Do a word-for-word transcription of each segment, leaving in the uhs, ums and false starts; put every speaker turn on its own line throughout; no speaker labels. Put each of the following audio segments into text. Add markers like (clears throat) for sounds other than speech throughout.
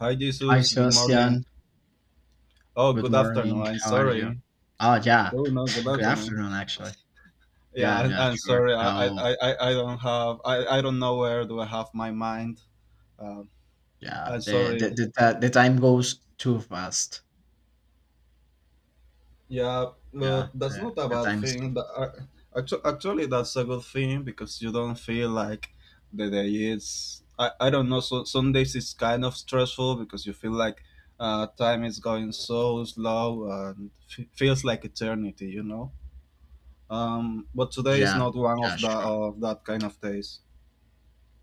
Hi,
Hi,
Jesus. Good morning.
Sebastian.
Oh,
Good
good afternoon.
morning.
I'm
How are you?
sorry.
Oh, yeah.
Oh no, good
(laughs) Good
afternoon.
afternoon, actually.
Yeah,
Yeah,
I'm,
yeah,
I'm
sure.
sorry. I, I,
How?
I, I I don't have. I, I don't know where do I have my mind. Um,
Yeah,
I'm
the the
sorry.
the, ti- the time goes too fast.
Yeah, but
Yeah,
that's
the,
not a
the
bad
time is too
thing.
fast.
That I, actu- actually, that's a good thing because you don't feel like the day is. I, I don't know. So some days it's kind of stressful because you feel like uh, time is going so slow and f- feels like eternity. You know. Um, but today is
Yeah,
not one of
yeah,
the
sure.
of that kind of days.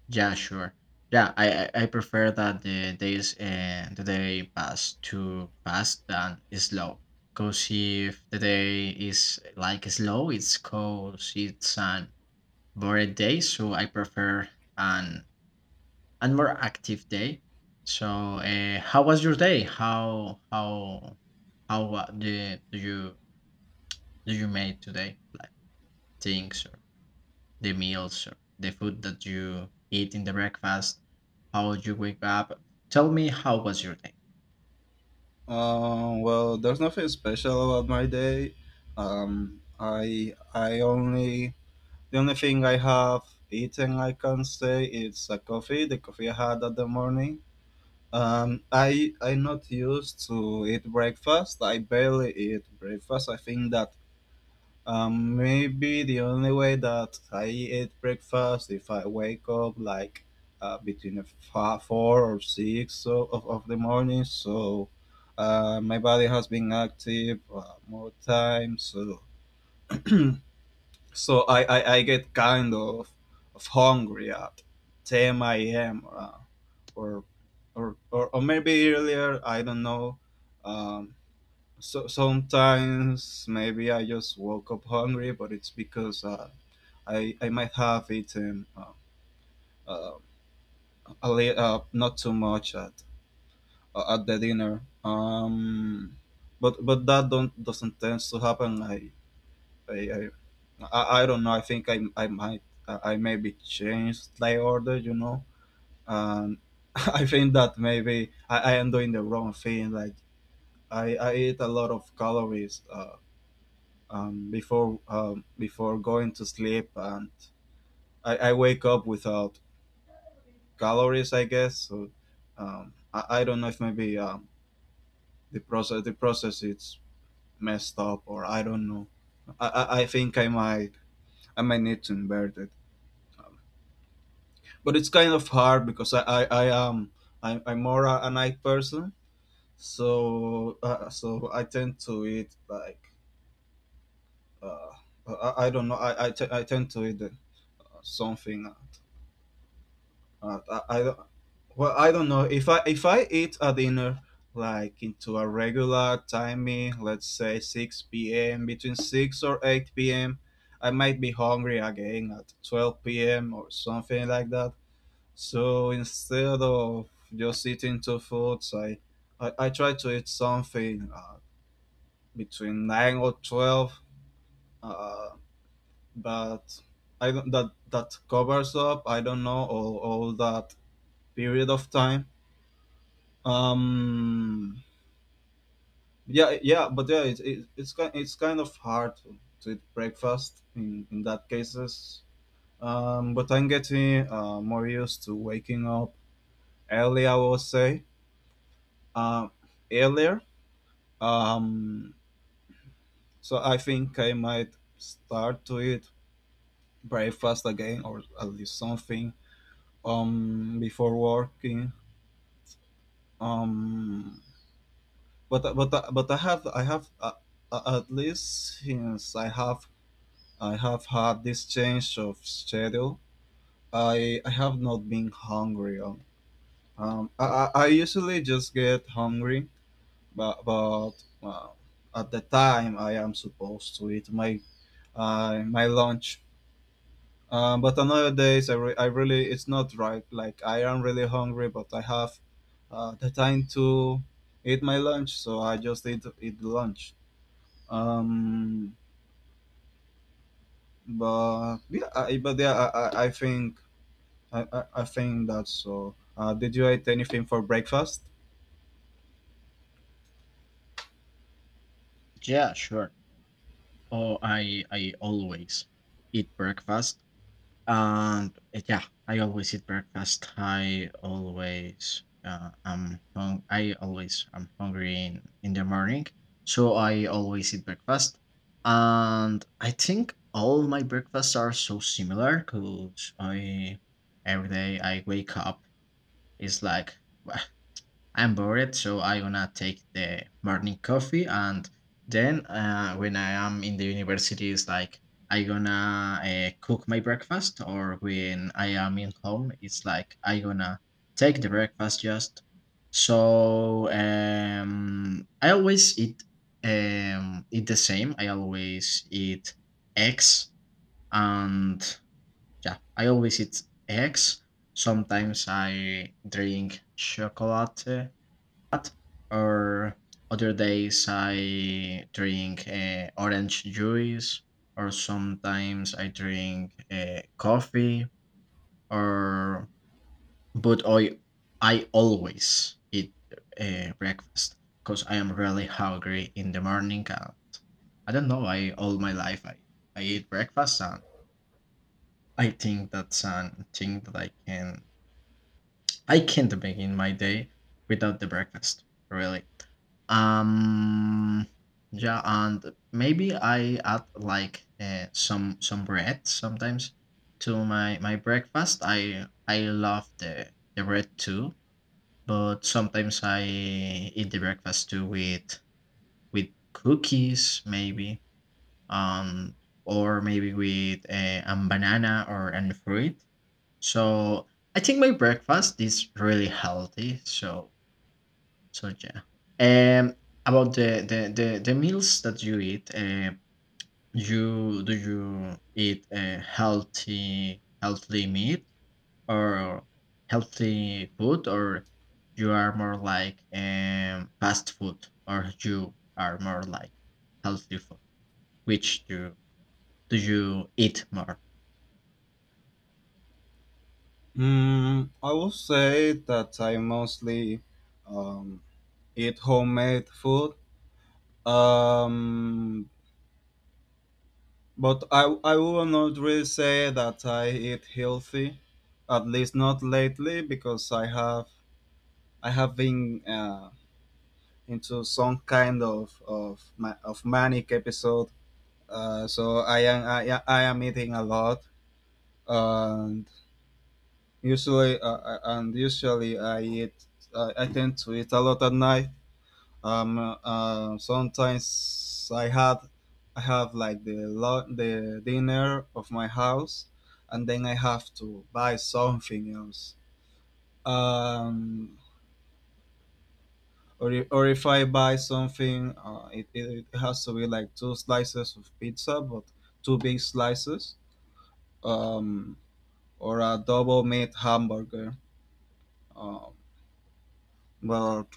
Yeah, sure. Yeah, I I, I prefer that the days uh, the day pass too fast than slow. Cause if the day is like slow, it's cause it's an boring day. So I prefer an and more active day. So, uh, how was your day? How how how wa- do do you do you made today? Like things or the meals or the food that you eat in the breakfast? How you wake up? Tell me how was your day?
Um, well, there's nothing special about my day. Um, I I only the only thing I have eaten I can say is a coffee. The coffee I had at the morning. Um, I I'm not used to eat breakfast. I barely eat breakfast. I think that Um, maybe the only way that I eat breakfast if I wake up like uh, between a fa- four or six so, of, of the morning. So uh, my body has been active uh, more time. So (clears throat) so I, I, I get kind of, of hungry at ten a m. Uh, or, or, or or maybe earlier. I don't know. Um, so sometimes maybe I just woke up hungry, but it's because uh, I I might have eaten uh, uh, a li- uh, not too much at uh, at the dinner. Um, but but that don't doesn't tend to happen. I I I, I I don't know. I think I I might I maybe change the order. You know, and (laughs) I think that maybe I, I am doing the wrong thing. Like I I eat a lot of calories. Uh, um, before um, before going to sleep, and I, I wake up without calories, I guess. So um, I, I don't know if maybe um, the process the process is messed up or I don't know. I, I, I think I might I might need to invert it, um, but it's kind of hard because I I, I am I, I'm more a, a night person, so uh, so I tend to eat like uh, I, I don't know I I, t- I tend to eat uh, something. Uh, I, I, Well, I don't know if I if I eat a dinner like into a regular timing, let's say six p m between six or eight p m. I might be hungry again at twelve p m or something like that. So instead of just eating two foods, I I, I try to eat something uh, between nine or twelve. Uh, but I don't that that covers up I don't know all all that period of time. Um, Yeah, yeah, but yeah, it's it, it's kind it's kind of hard to, to eat breakfast in in that cases. Um, but I'm getting uh, more used to waking up early. I will say um, earlier. Um, so I think I might start to eat breakfast again, or at least something um before working. Um, but but but I have I have uh, uh, at least since I have I have had this change of schedule. I I have not been hungry. Um, um, I, I I usually just get hungry, but but uh, at the time I am supposed to eat my uh, my lunch. Um, but on other days I, re- I really it's not right. Like I am really hungry, but I have uh, the time to eat my lunch, so I just eat eat lunch. Um, but yeah, I, but yeah, I, I I think I, I, I think that's so. Uh, did you eat anything for breakfast?
Yeah, sure. Oh, I I always eat breakfast. And uh, yeah, I always eat breakfast. I always uh, am hung- I always am hungry in, in the morning, so I always eat breakfast. And I think all my breakfasts are so similar because I every day I wake up is like (laughs) I'm bored, so I going to take the morning coffee, and then uh, when I am in the university, it's like I gonna uh, cook my breakfast, or when I am in home, it's like I gonna take the breakfast just. So um, I always eat um, eat the same. I always eat eggs, and yeah, I always eat eggs. Sometimes I drink chocolate that. Or other days I drink uh, orange juice, or sometimes I drink uh, coffee, or but I I always eat uh, breakfast because I am really hungry in the morning. And I don't know. I All my life I I eat breakfast and I think that's something that I can I can't begin my day without the breakfast, really. Um, yeah, and maybe I add like uh, some some bread sometimes to my my breakfast. I I love the the bread too, but sometimes I eat the breakfast too with with cookies maybe, um, or maybe with uh, a banana or an fruit so I think my breakfast is really healthy. So so yeah. Um, about the the the, the meals that you eat, uh, you do you eat uh, healthy healthy meat or healthy food, or you are more like um fast food, or you are more like healthy food? Which do do you eat more?
Mm, I would say that I mostly um, eat homemade food. Um, but I, I will not really say that I eat healthy, at least not lately, because I have I have been uh, into some kind of of, ma- of manic episode. Uh, so I am I, I am eating a lot. Uh, Usually, uh, uh, and usually I eat. Uh, I tend to eat a lot at night. Um, uh, sometimes I had, I have like the lo- the dinner of my house, and then I have to buy something else. Um, or i- or if I buy something, uh, it, it it has to be like two slices of pizza, but two big slices. Um, or a double meat hamburger. Um, well,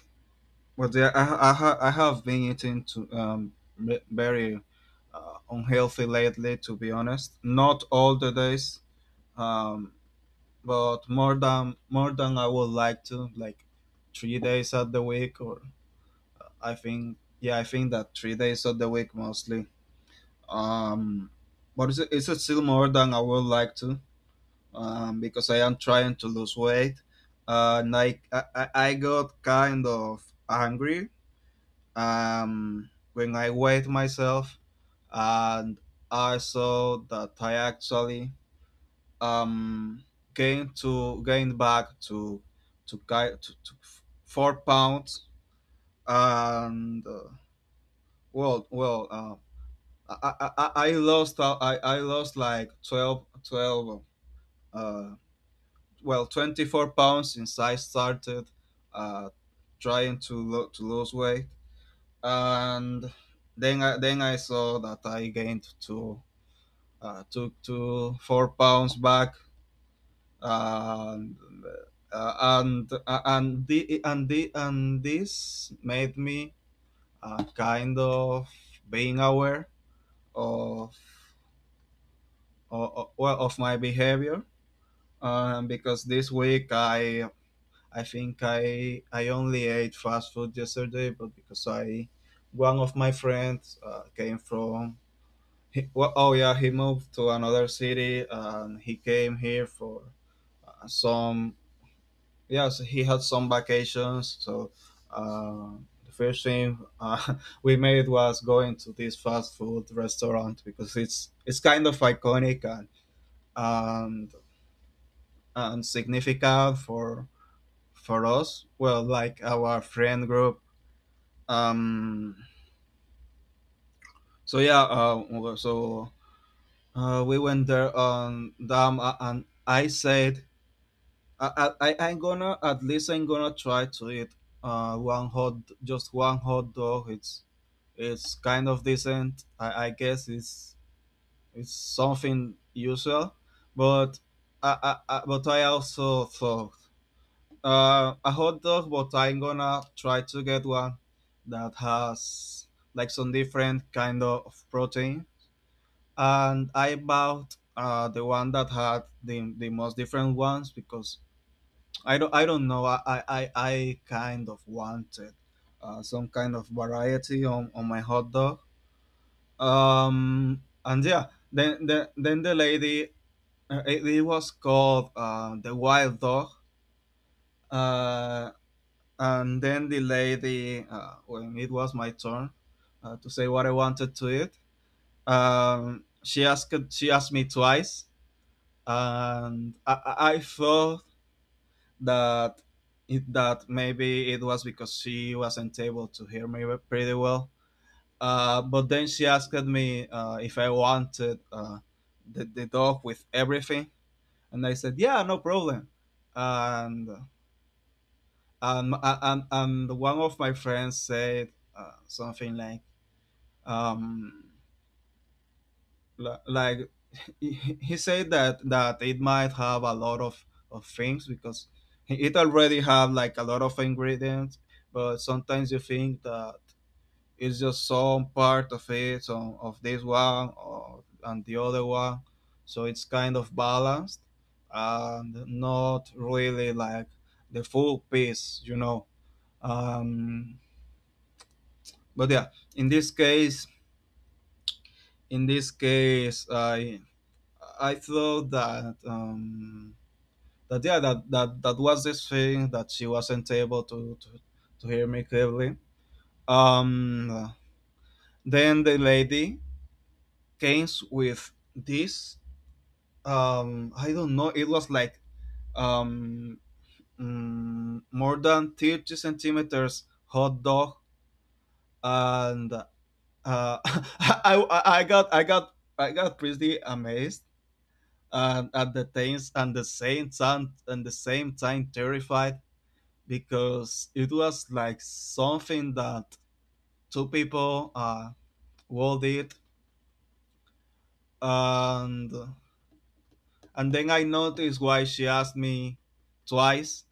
but yeah, I, I, ha- I have been eating to um m- very uh, unhealthy lately. To be honest, not all the days, um, but more than more than I would like to, like three days of the week, or I think yeah, I think that three days of the week mostly. Um, but it's it's still more than I would like to, um, because I am trying to lose weight. Uh, and I, I I I got kind of angry um, when I weighed myself and I saw that I actually um, gained to gained back to to, ki- to, to f- four pounds and uh, well well uh, I, I, I I lost uh, I, I lost like twelve twelve uh, well twenty-four pounds since I started uh, trying to lo- to lose weight and then I, then I saw that I gained two uh, took two four pounds back and uh, and uh, and the, and the, and this made me uh, kind of being aware of of, well, of my behavior um, because this week I I think I I only ate fast food yesterday but because I one of my friends uh, came from He, well, oh yeah, he moved to another city and he came here for uh, some. Yes, he had some vacations. So uh, the first thing uh, (laughs) we made was going to this fast food restaurant because it's it's kind of iconic and and, and significant for for us. Well, like our friend group. Um, so yeah, uh, so uh, we went there on them, uh, and I said I, I I- I'm gonna at least I'm gonna try to eat uh one hot just one hot dog. It's it's kind of decent. I, I guess it's it's something usual, but I, I, I but I also thought uh a hot dog. But I'm gonna try to get one that has like some different kind of protein. And I bought uh the one that had the the most different ones because I don't I don't know. I I, I I kind of wanted uh, some kind of variety on, on my hot dog. Um and yeah, then then then the lady uh, it, it was called uh, the wild dog. Uh, and then the lady uh, when it was my turn uh, to say what I wanted to eat, um, she asked she asked me twice, and I I I felt that it, that maybe it was because she wasn't able to hear me pretty well. Uh, but then she asked me uh, if I wanted uh, the, the dog with everything, and I said, "Yeah, no problem." And and and, and one of my friends said uh, something like, um, "Like he, he said that that it might have a lot of of things because it already have like a lot of ingredients but sometimes you think that it's just some part of it some of this one or and the other one so it's kind of balanced and not really like the full piece you know um but yeah in this case in this case i I thought that um that yeah that that that was this thing that she wasn't able to to, to hear me clearly um then the lady came with this um I don't know it was like um mm, more than thirty centimeters hot dog and uh (laughs) I, I i got i got I got pretty amazed and at the things and the same time and the same time terrified because it was like something that two people uh world it and and then I noticed why she asked me twice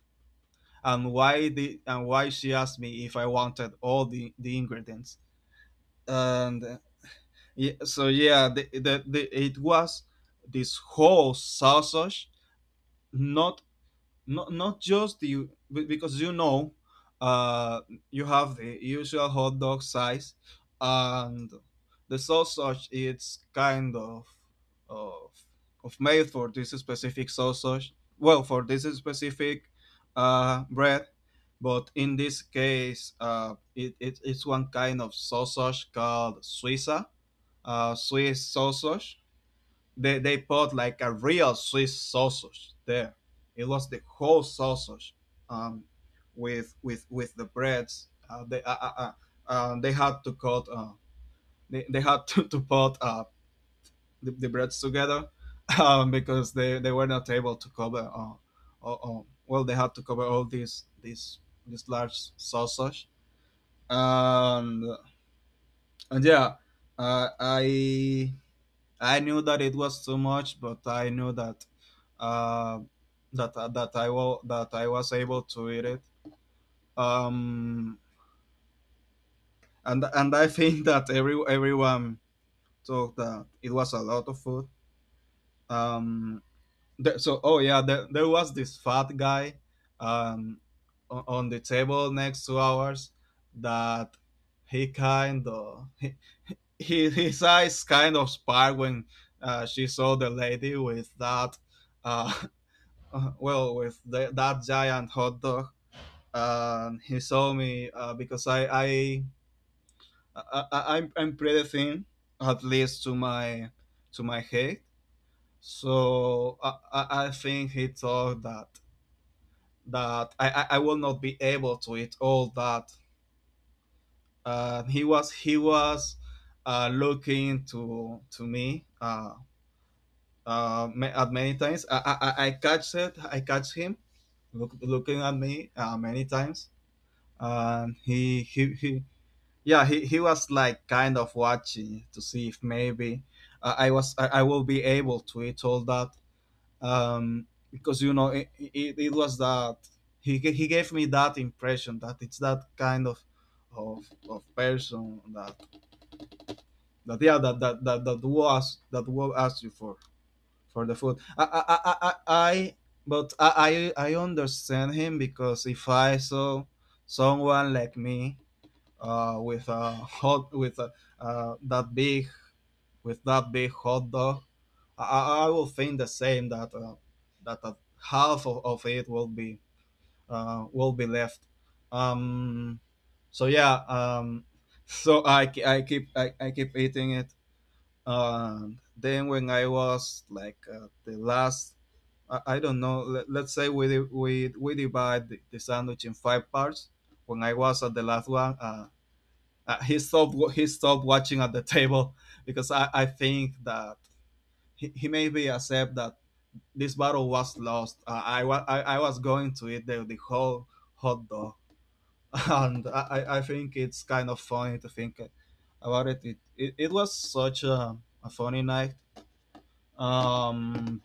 and why the and why she asked me if I wanted all the, the ingredients and uh, yeah, so yeah the, the, the, it was this whole sausage not not not just you be- because you know uh you have the usual hot dog size and the sausage it's kind of of of made for this specific sausage well for this specific uh bread but in this case uh it, it it's one kind of sausage called suiza uh swiss sausage they, they put like a real Swiss sausage there. It was the whole sausage um, with with with the breads. Uh, they uh, uh, uh, uh, they had to cut Uh, they, they had to, to put uh, the, the, breads together. (laughs) Um, because they, they were not able to cover Uh, uh, uh, Well they had to cover all these these this large sausage and, and yeah uh, I I knew that it was too much, but I knew that uh, that uh, that I will that I was able to eat it. Um, and and I think that every everyone thought that it was a lot of food. Um, there, so Oh yeah, there, there was this fat guy, um, on, on the table next to ours, that he kind of he, he- his eyes kind of sparked when uh, she saw the lady with that. Uh, uh, well, with the, that giant hot dog, and he saw me, uh, because I, I, I, I I'm, I'm pretty thin, at least to my to my height. So I, I I think he thought that that I, I I will not be able to eat all that. Uh, he was he was uh, looking to to me uh, uh, ma- at many times. I, I I I catch it. I catch him look, looking at me, uh, many times, and he he, he, yeah, he, he was like kind of watching to see if maybe uh, i was I, I will be able to eat all that, um because you know it, it, it was that he, ga- he gave me that impression that it's that kind of, of, of person that that yeah that that that, that was that will ask you for for the food I I I, I, I But I, I I understand him because if I saw someone like me, uh, with a hot with a, uh, that big, with that big hot dog, I, I will think the same, that uh, that uh, half of, of it will be uh, will be left. Um, so yeah. um, (laughs) so I, ke- I keep I, I keep eating it. Um, then when I was like, uh, the last, I, I don't know. Let, let's say we di- we we divide the, the sandwich in five parts. When I was at the last one. Uh, uh, he stopped he stopped watching at the (laughs) table because I, I think that he, he maybe accept that this battle was lost. Uh, I, wa- I I was going to eat the, the whole hot dog. (laughs) and I, I- I think it's kind of funny to think about it. It it, it was such a, a funny night. Um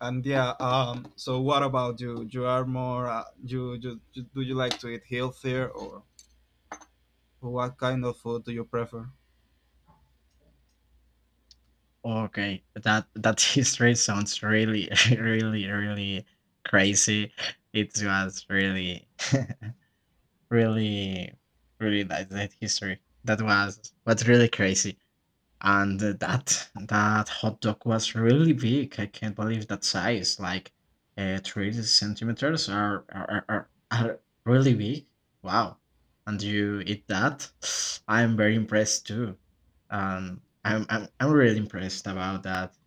and yeah. Um so what about you? You are more, uh, you, you, you, do you like to eat healthier, or what kind of food do you prefer?
Okay, that that (laughs) history sounds really, (laughs) really, really crazy. It was really, (laughs) really, really nice that history. That was was really crazy, and that that hot dog was really big. I can't believe that size. Like, uh, three centimeters are are, are are really big. Wow, and you eat that? (sniffs) I'm very impressed too. Um, I'm I'm I'm really impressed about that.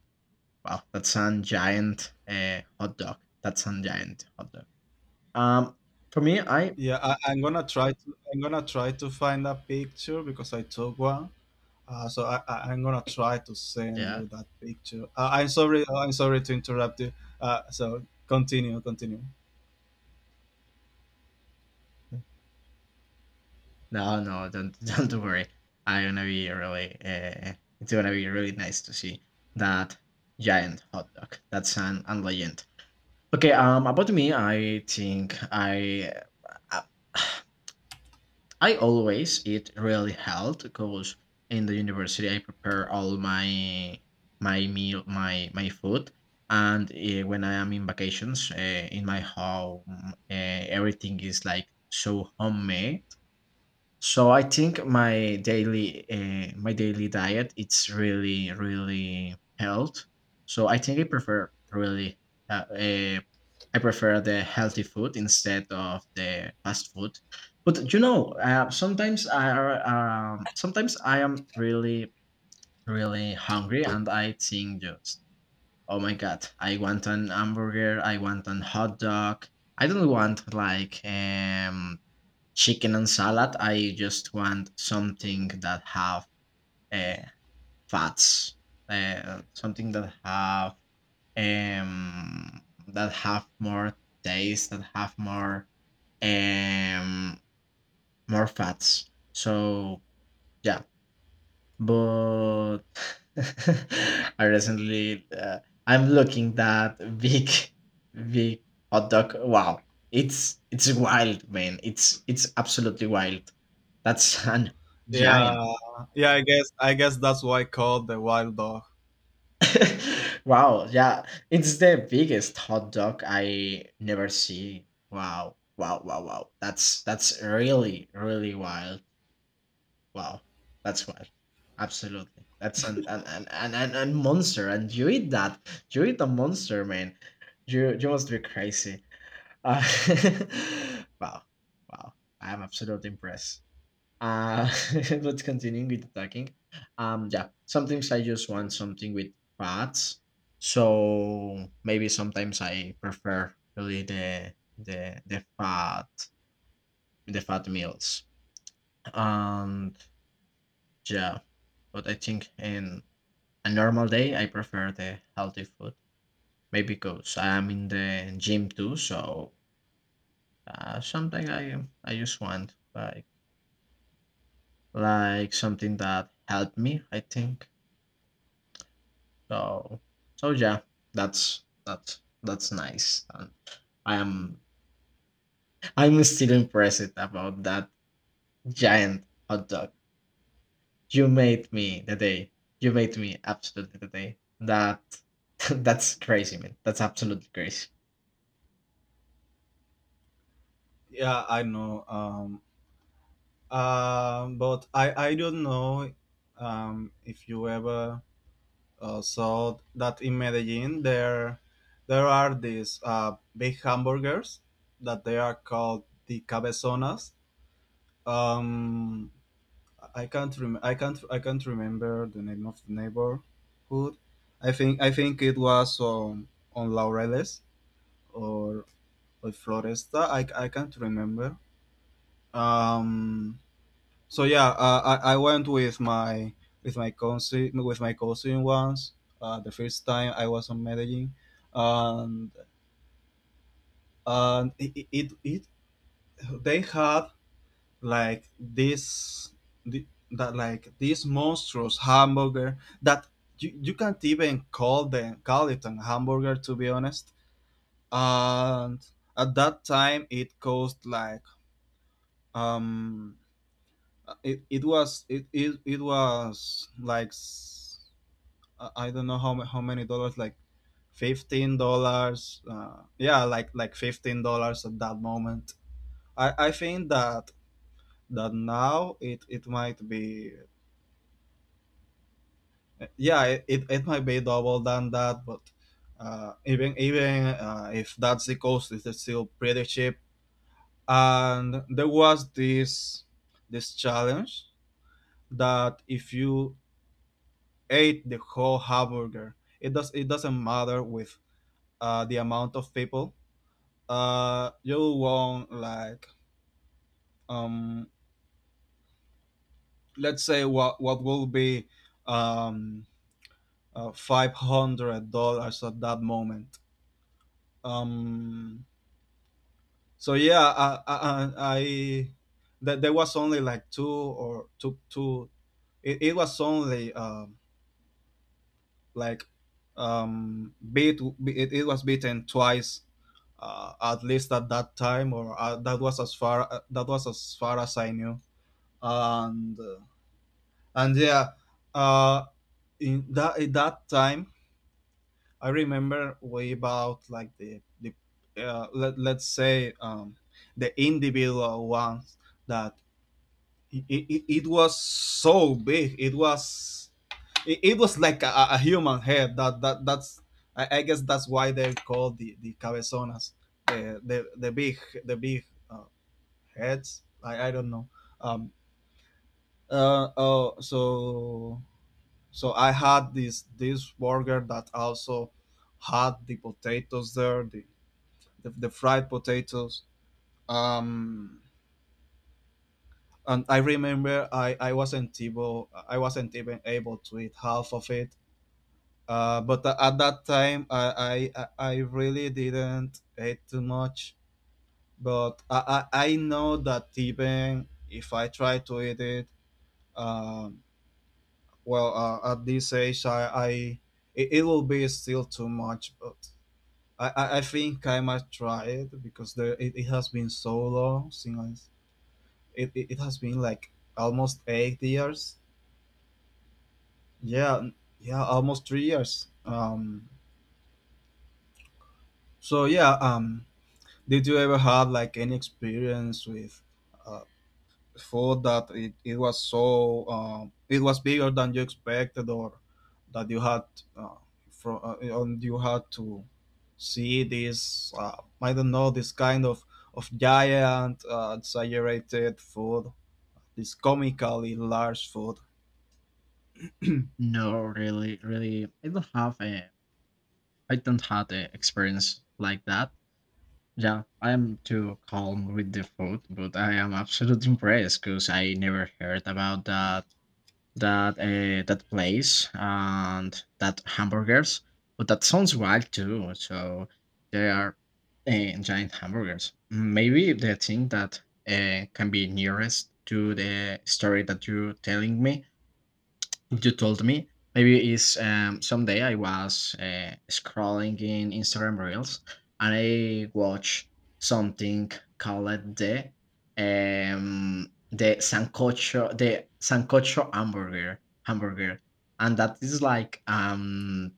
Wow, that's an giant uh, hot dog. That's a giant hot dog. Um, for me, I
Yeah, I, I'm gonna try to I'm gonna try to find a picture because I took one. Uh, so I, I I'm gonna try to send
Yeah.
you that picture. Uh, I'm sorry, uh, I'm sorry to interrupt you. Uh, so continue continue.
No, no, don't (laughs) don't worry. I'm gonna be really. Uh, it's gonna be really nice to see that giant hot dog. That's an, an legend. Okay. Um, about me, I think I. Uh, (sighs) I always eat really health because in the university I prepare all my my meal my my food and uh, when I am in vacations uh, in my home uh, everything is like so homemade so I think my daily uh, my daily diet it's really really health. So I think I prefer really uh, uh, I prefer the healthy food instead of the fast food. But you know, uh, sometimes I are, um, sometimes I am really really hungry and I think just oh my god, I want an hamburger, I want an hot dog. I don't want like um chicken and salad. I just want something that have uh, fats, uh, something that have um that have more taste that have more um more fats so yeah. But (laughs) I recently, uh, I'm looking that big, (laughs) big hot dog. Wow, it's it's wild, man. It's it's absolutely wild. That's an giant.
Yeah, yeah, I guess I guess that's why called the wild dog.
(laughs) Wow, yeah, it's the biggest hot dog I never see. Wow, wow, wow, wow. That's that's really really wild. Wow, that's wild. Absolutely. That's an an an an an an monster, and you eat that. You eat a monster, man. You you must be crazy. Uh, (laughs) wow, wow. I am absolutely impressed. Uh, (laughs) but continuing with talking, um, yeah. Sometimes I just want something with fats, so maybe sometimes I prefer really the the the fat the fat meals. Um, yeah, but I think in a normal day I prefer the healthy food. Maybe because I'm in the gym too, so uh, something I I just want like like something that helped me. I think so. So yeah, that's that's that's nice, and I'm I'm still impressed about that giant hot dog. You made me the day. You made me absolutely the day. That (laughs) that's crazy, man. That's absolutely crazy.
Yeah, I know. Um um but I I don't know, um if you ever Uh, so that in Medellin there, there are these, uh, big hamburgers, that they are called the cabezonas. Um, I can't rem- I can't I can't remember the name of the neighborhood. I think I think it was on on Laureles or or Floresta. I, I can't remember. Um, So yeah, uh, I I went with my, with my cousin with my cousin once. Uh, the first time I was on Medellin, and and it, it, it it- they had like this, the, that like this monstrous hamburger, that you, you can't even call them call it an hamburger to be honest. And at that time it cost like, um it, it was it, it it was like, uh, I don't know how ma- how many dollars, like fifteen dollars. Uh, yeah, like like fifteen dollars at that moment. I I think that that now it it might be, yeah, it, it, it might be double than that, but, uh, even even, uh, if that's the cost, it's still pretty cheap. And there was this, this challenge, that if you ate the whole hamburger, it does it doesn't matter with, uh, the amount of people, uh you want like, um let's say, what what will be, um uh, five hundred dollars at that moment. um so yeah, I I, I that there was only like two, or two two. It, it was only, um like, um beat, it, it was beaten twice, uh, at least at that time, or, uh, that was as far, uh, that was as far as I knew. And uh, And yeah, uh, in that at that time, I remember way about like the the, uh, let let's say, um, the individual ones, that it, it, it was so big. It was, it, it was like a, a human head. That that that's, I, I guess that's why they're called the, the cabezonas, the, the, the big, the big uh, heads. I I don't know. Um, uh, oh, so, so I had this, this burger that also had the potatoes there, the, the, the fried potatoes. Um, and I remember, I, I wasn't able I wasn't even able to eat half of it. Uh, but a- at that time, I, I I I really didn't eat too much. But I, I, I know that even if I try to eat it, um, well, uh, at this age, I, I it it will be still too much. But I, I, I think I might try it because there, it, it has been so long since I, it, it, it has been like almost eight years. Yeah, n- yeah, almost three years. Um, so yeah. Um, did you ever have like any experience with, uh, food that, it, it was so, um, it was bigger than you expected, or that you had, uh, from uh, and you had to see this, uh, I don't know, this kind of, of giant, uh, exaggerated food, this comically large food?
No, really, really, I don't have a, I don't have the experience like that. Yeah, I am too calm with the food, but I am absolutely impressed because I never heard about that that uh, that place and that hamburgers, but that sounds wild too. So they are uh, giant hamburgers. Maybe the thing that uh, can be nearest to the story that you're telling me you told me maybe it's um someday I was uh, scrolling in Instagram reels and I watched something called the um the sancocho the sancocho hamburger hamburger and that is like um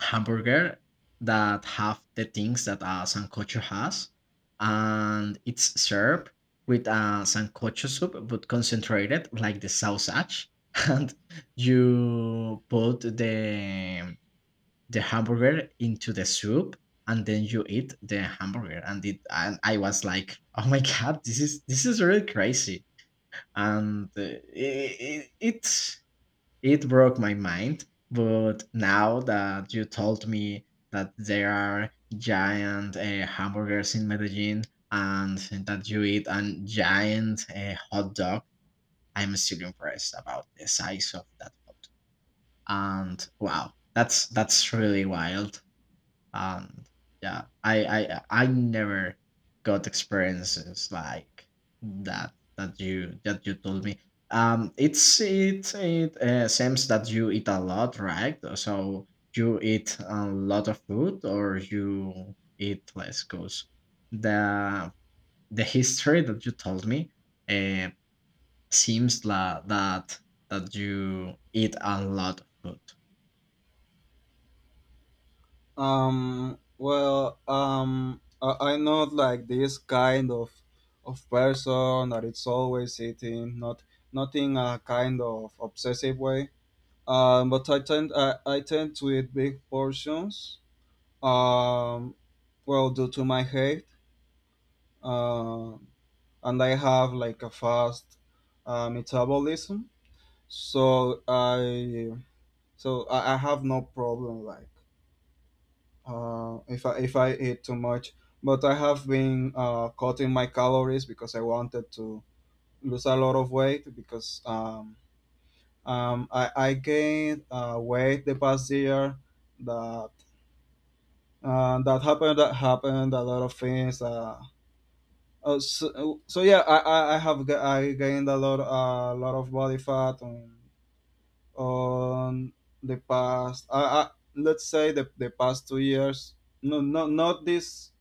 hamburger that have the things that a sancocho has, and it's served with a sancocho soup, but concentrated like the sausage, (laughs) and you put the the hamburger into the soup, and then you eat the hamburger. And it, and I was like, oh my (laughs) god, this is this is really crazy, and uh, i i- it it broke my mind, but now that you told me that there are giant uh, hamburgers in Medellin and that you eat a giant uh, hot dog, I'm still impressed about the size of that hot dog. And wow, that's that's really wild. And yeah, I I I never got experiences like that that you that you told me. Um, it's it it uh, seems that you eat a lot, right? So you eat a lot of food, or you eat less? Cause the the history that you told me uh, seems la- that that you eat a lot of food.
um Well, um I, I'm not like this kind of, of person that it's always eating, not, not in a kind of obsessive way, um, but I tend I, I tend to eat big portions. Um, well, due to my height, um, and I have like a fast, uh, metabolism, so I so I, I have no problem like, uh, if I if I eat too much. But I have been, uh, cutting my calories because I wanted to lose a lot of weight because, um, um, I, I gained, uh, weight the past year, that uh, that happened that happened a lot of things. Uh, uh, so, so yeah, I, I I have ga- I gained a lot, a lot of body fat on, on the past, I, I let's say, the, the past two years, no, not not this,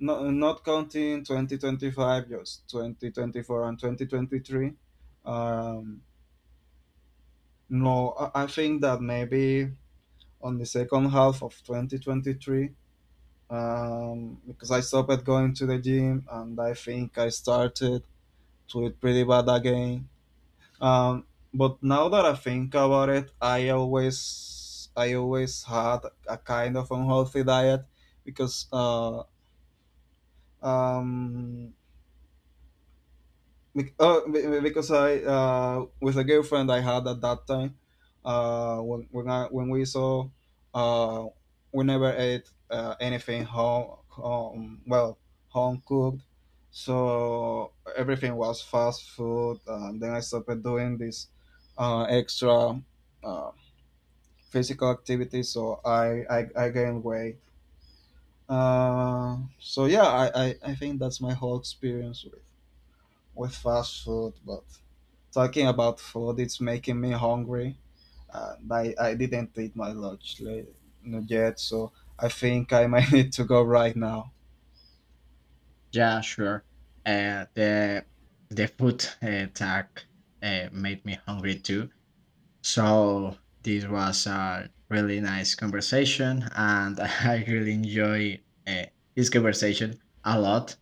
not, not counting twenty twenty-five, just twenty twenty-four and twenty twenty-three. Um no I I think that maybe on the second half of twenty twenty-three, um, because I stopped going to the gym, and I think I started to eat pretty bad again. Um, but now that I think about it, I always I always had a kind of unhealthy diet, because, uh, um, Bec- Oh, be- because I, uh, with a girlfriend I had at that time, uh, when when I, when we saw, uh, we never ate, uh, anything home, home well home cooked, so everything was fast food. And then I stopped doing this, uh, extra uh, physical activity, so I I, I gained weight. Uh, so yeah, I, I, I think that's my whole experience with, with fast food. But Talking about food, it's making me hungry. And I, I didn't eat my lunch la- not yet, so I think I might (laughs) need to go right now.
Yeah, sure. Uh, the the food uh, tag uh, made me hungry too. So this was a really nice conversation, and (laughs) I really enjoy uh, this conversation a lot.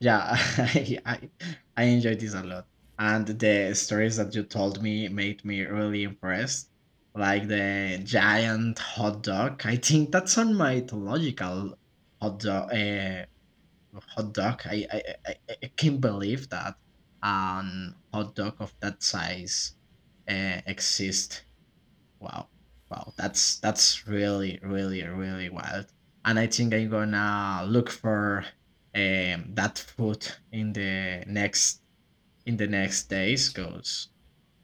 Yeah, (laughs) I, I I enjoyed this a lot, and the stories that you told me made me really impressed. Like the giant hot dog, I think that's on mythological hot dog. Uh, hot dog. I I, I, I I can't believe that um hot dog of that size uh, exist. Wow, wow, that's that's really really really wild. And I think I'm gonna look for um that food in the next in the next days. Cause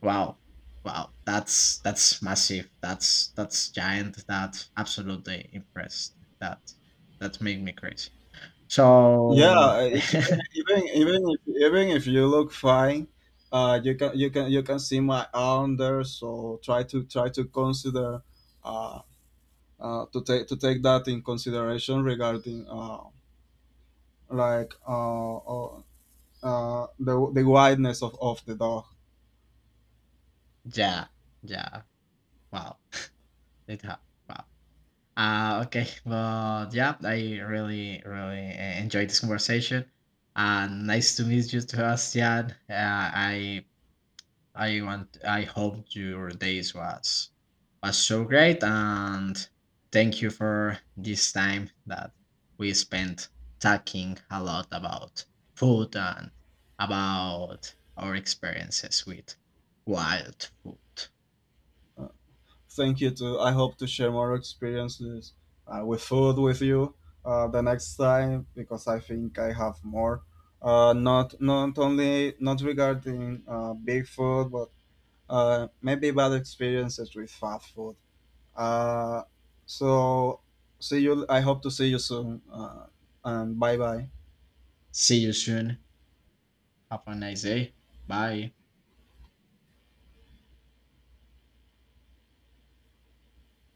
wow. Wow, that's that's massive. That's that's giant. That absolutely impressed. That that made me crazy. So
Yeah, e-
(laughs)
even even even if, even if you look fine, uh, you can you can you can see my arm there. So try to try to consider, uh, uh to take to take that in consideration regarding, uh like uh, uh, uh the the wideness of of the dog.
Dạ, dạ. Wow, (laughs) it have. Wow. Uh, okay, well, yeah, I really, really uh, enjoyed this conversation, and nice to meet you, Sebastian. Uh, I, I want, I hope your days was was so great, and thank you for this time that we spent talking a lot about food and about our experiences with wild food.
Thank you too. I hope to share more experiences, uh, with food with you, uh, the next time, because I think I have more. Uh, not, not only not regarding, uh, big food, but, uh, maybe bad experiences with fast food. Uh, so, see you. I hope to see you soon. Uh, and bye bye.
See you soon. Have a nice day. Bye.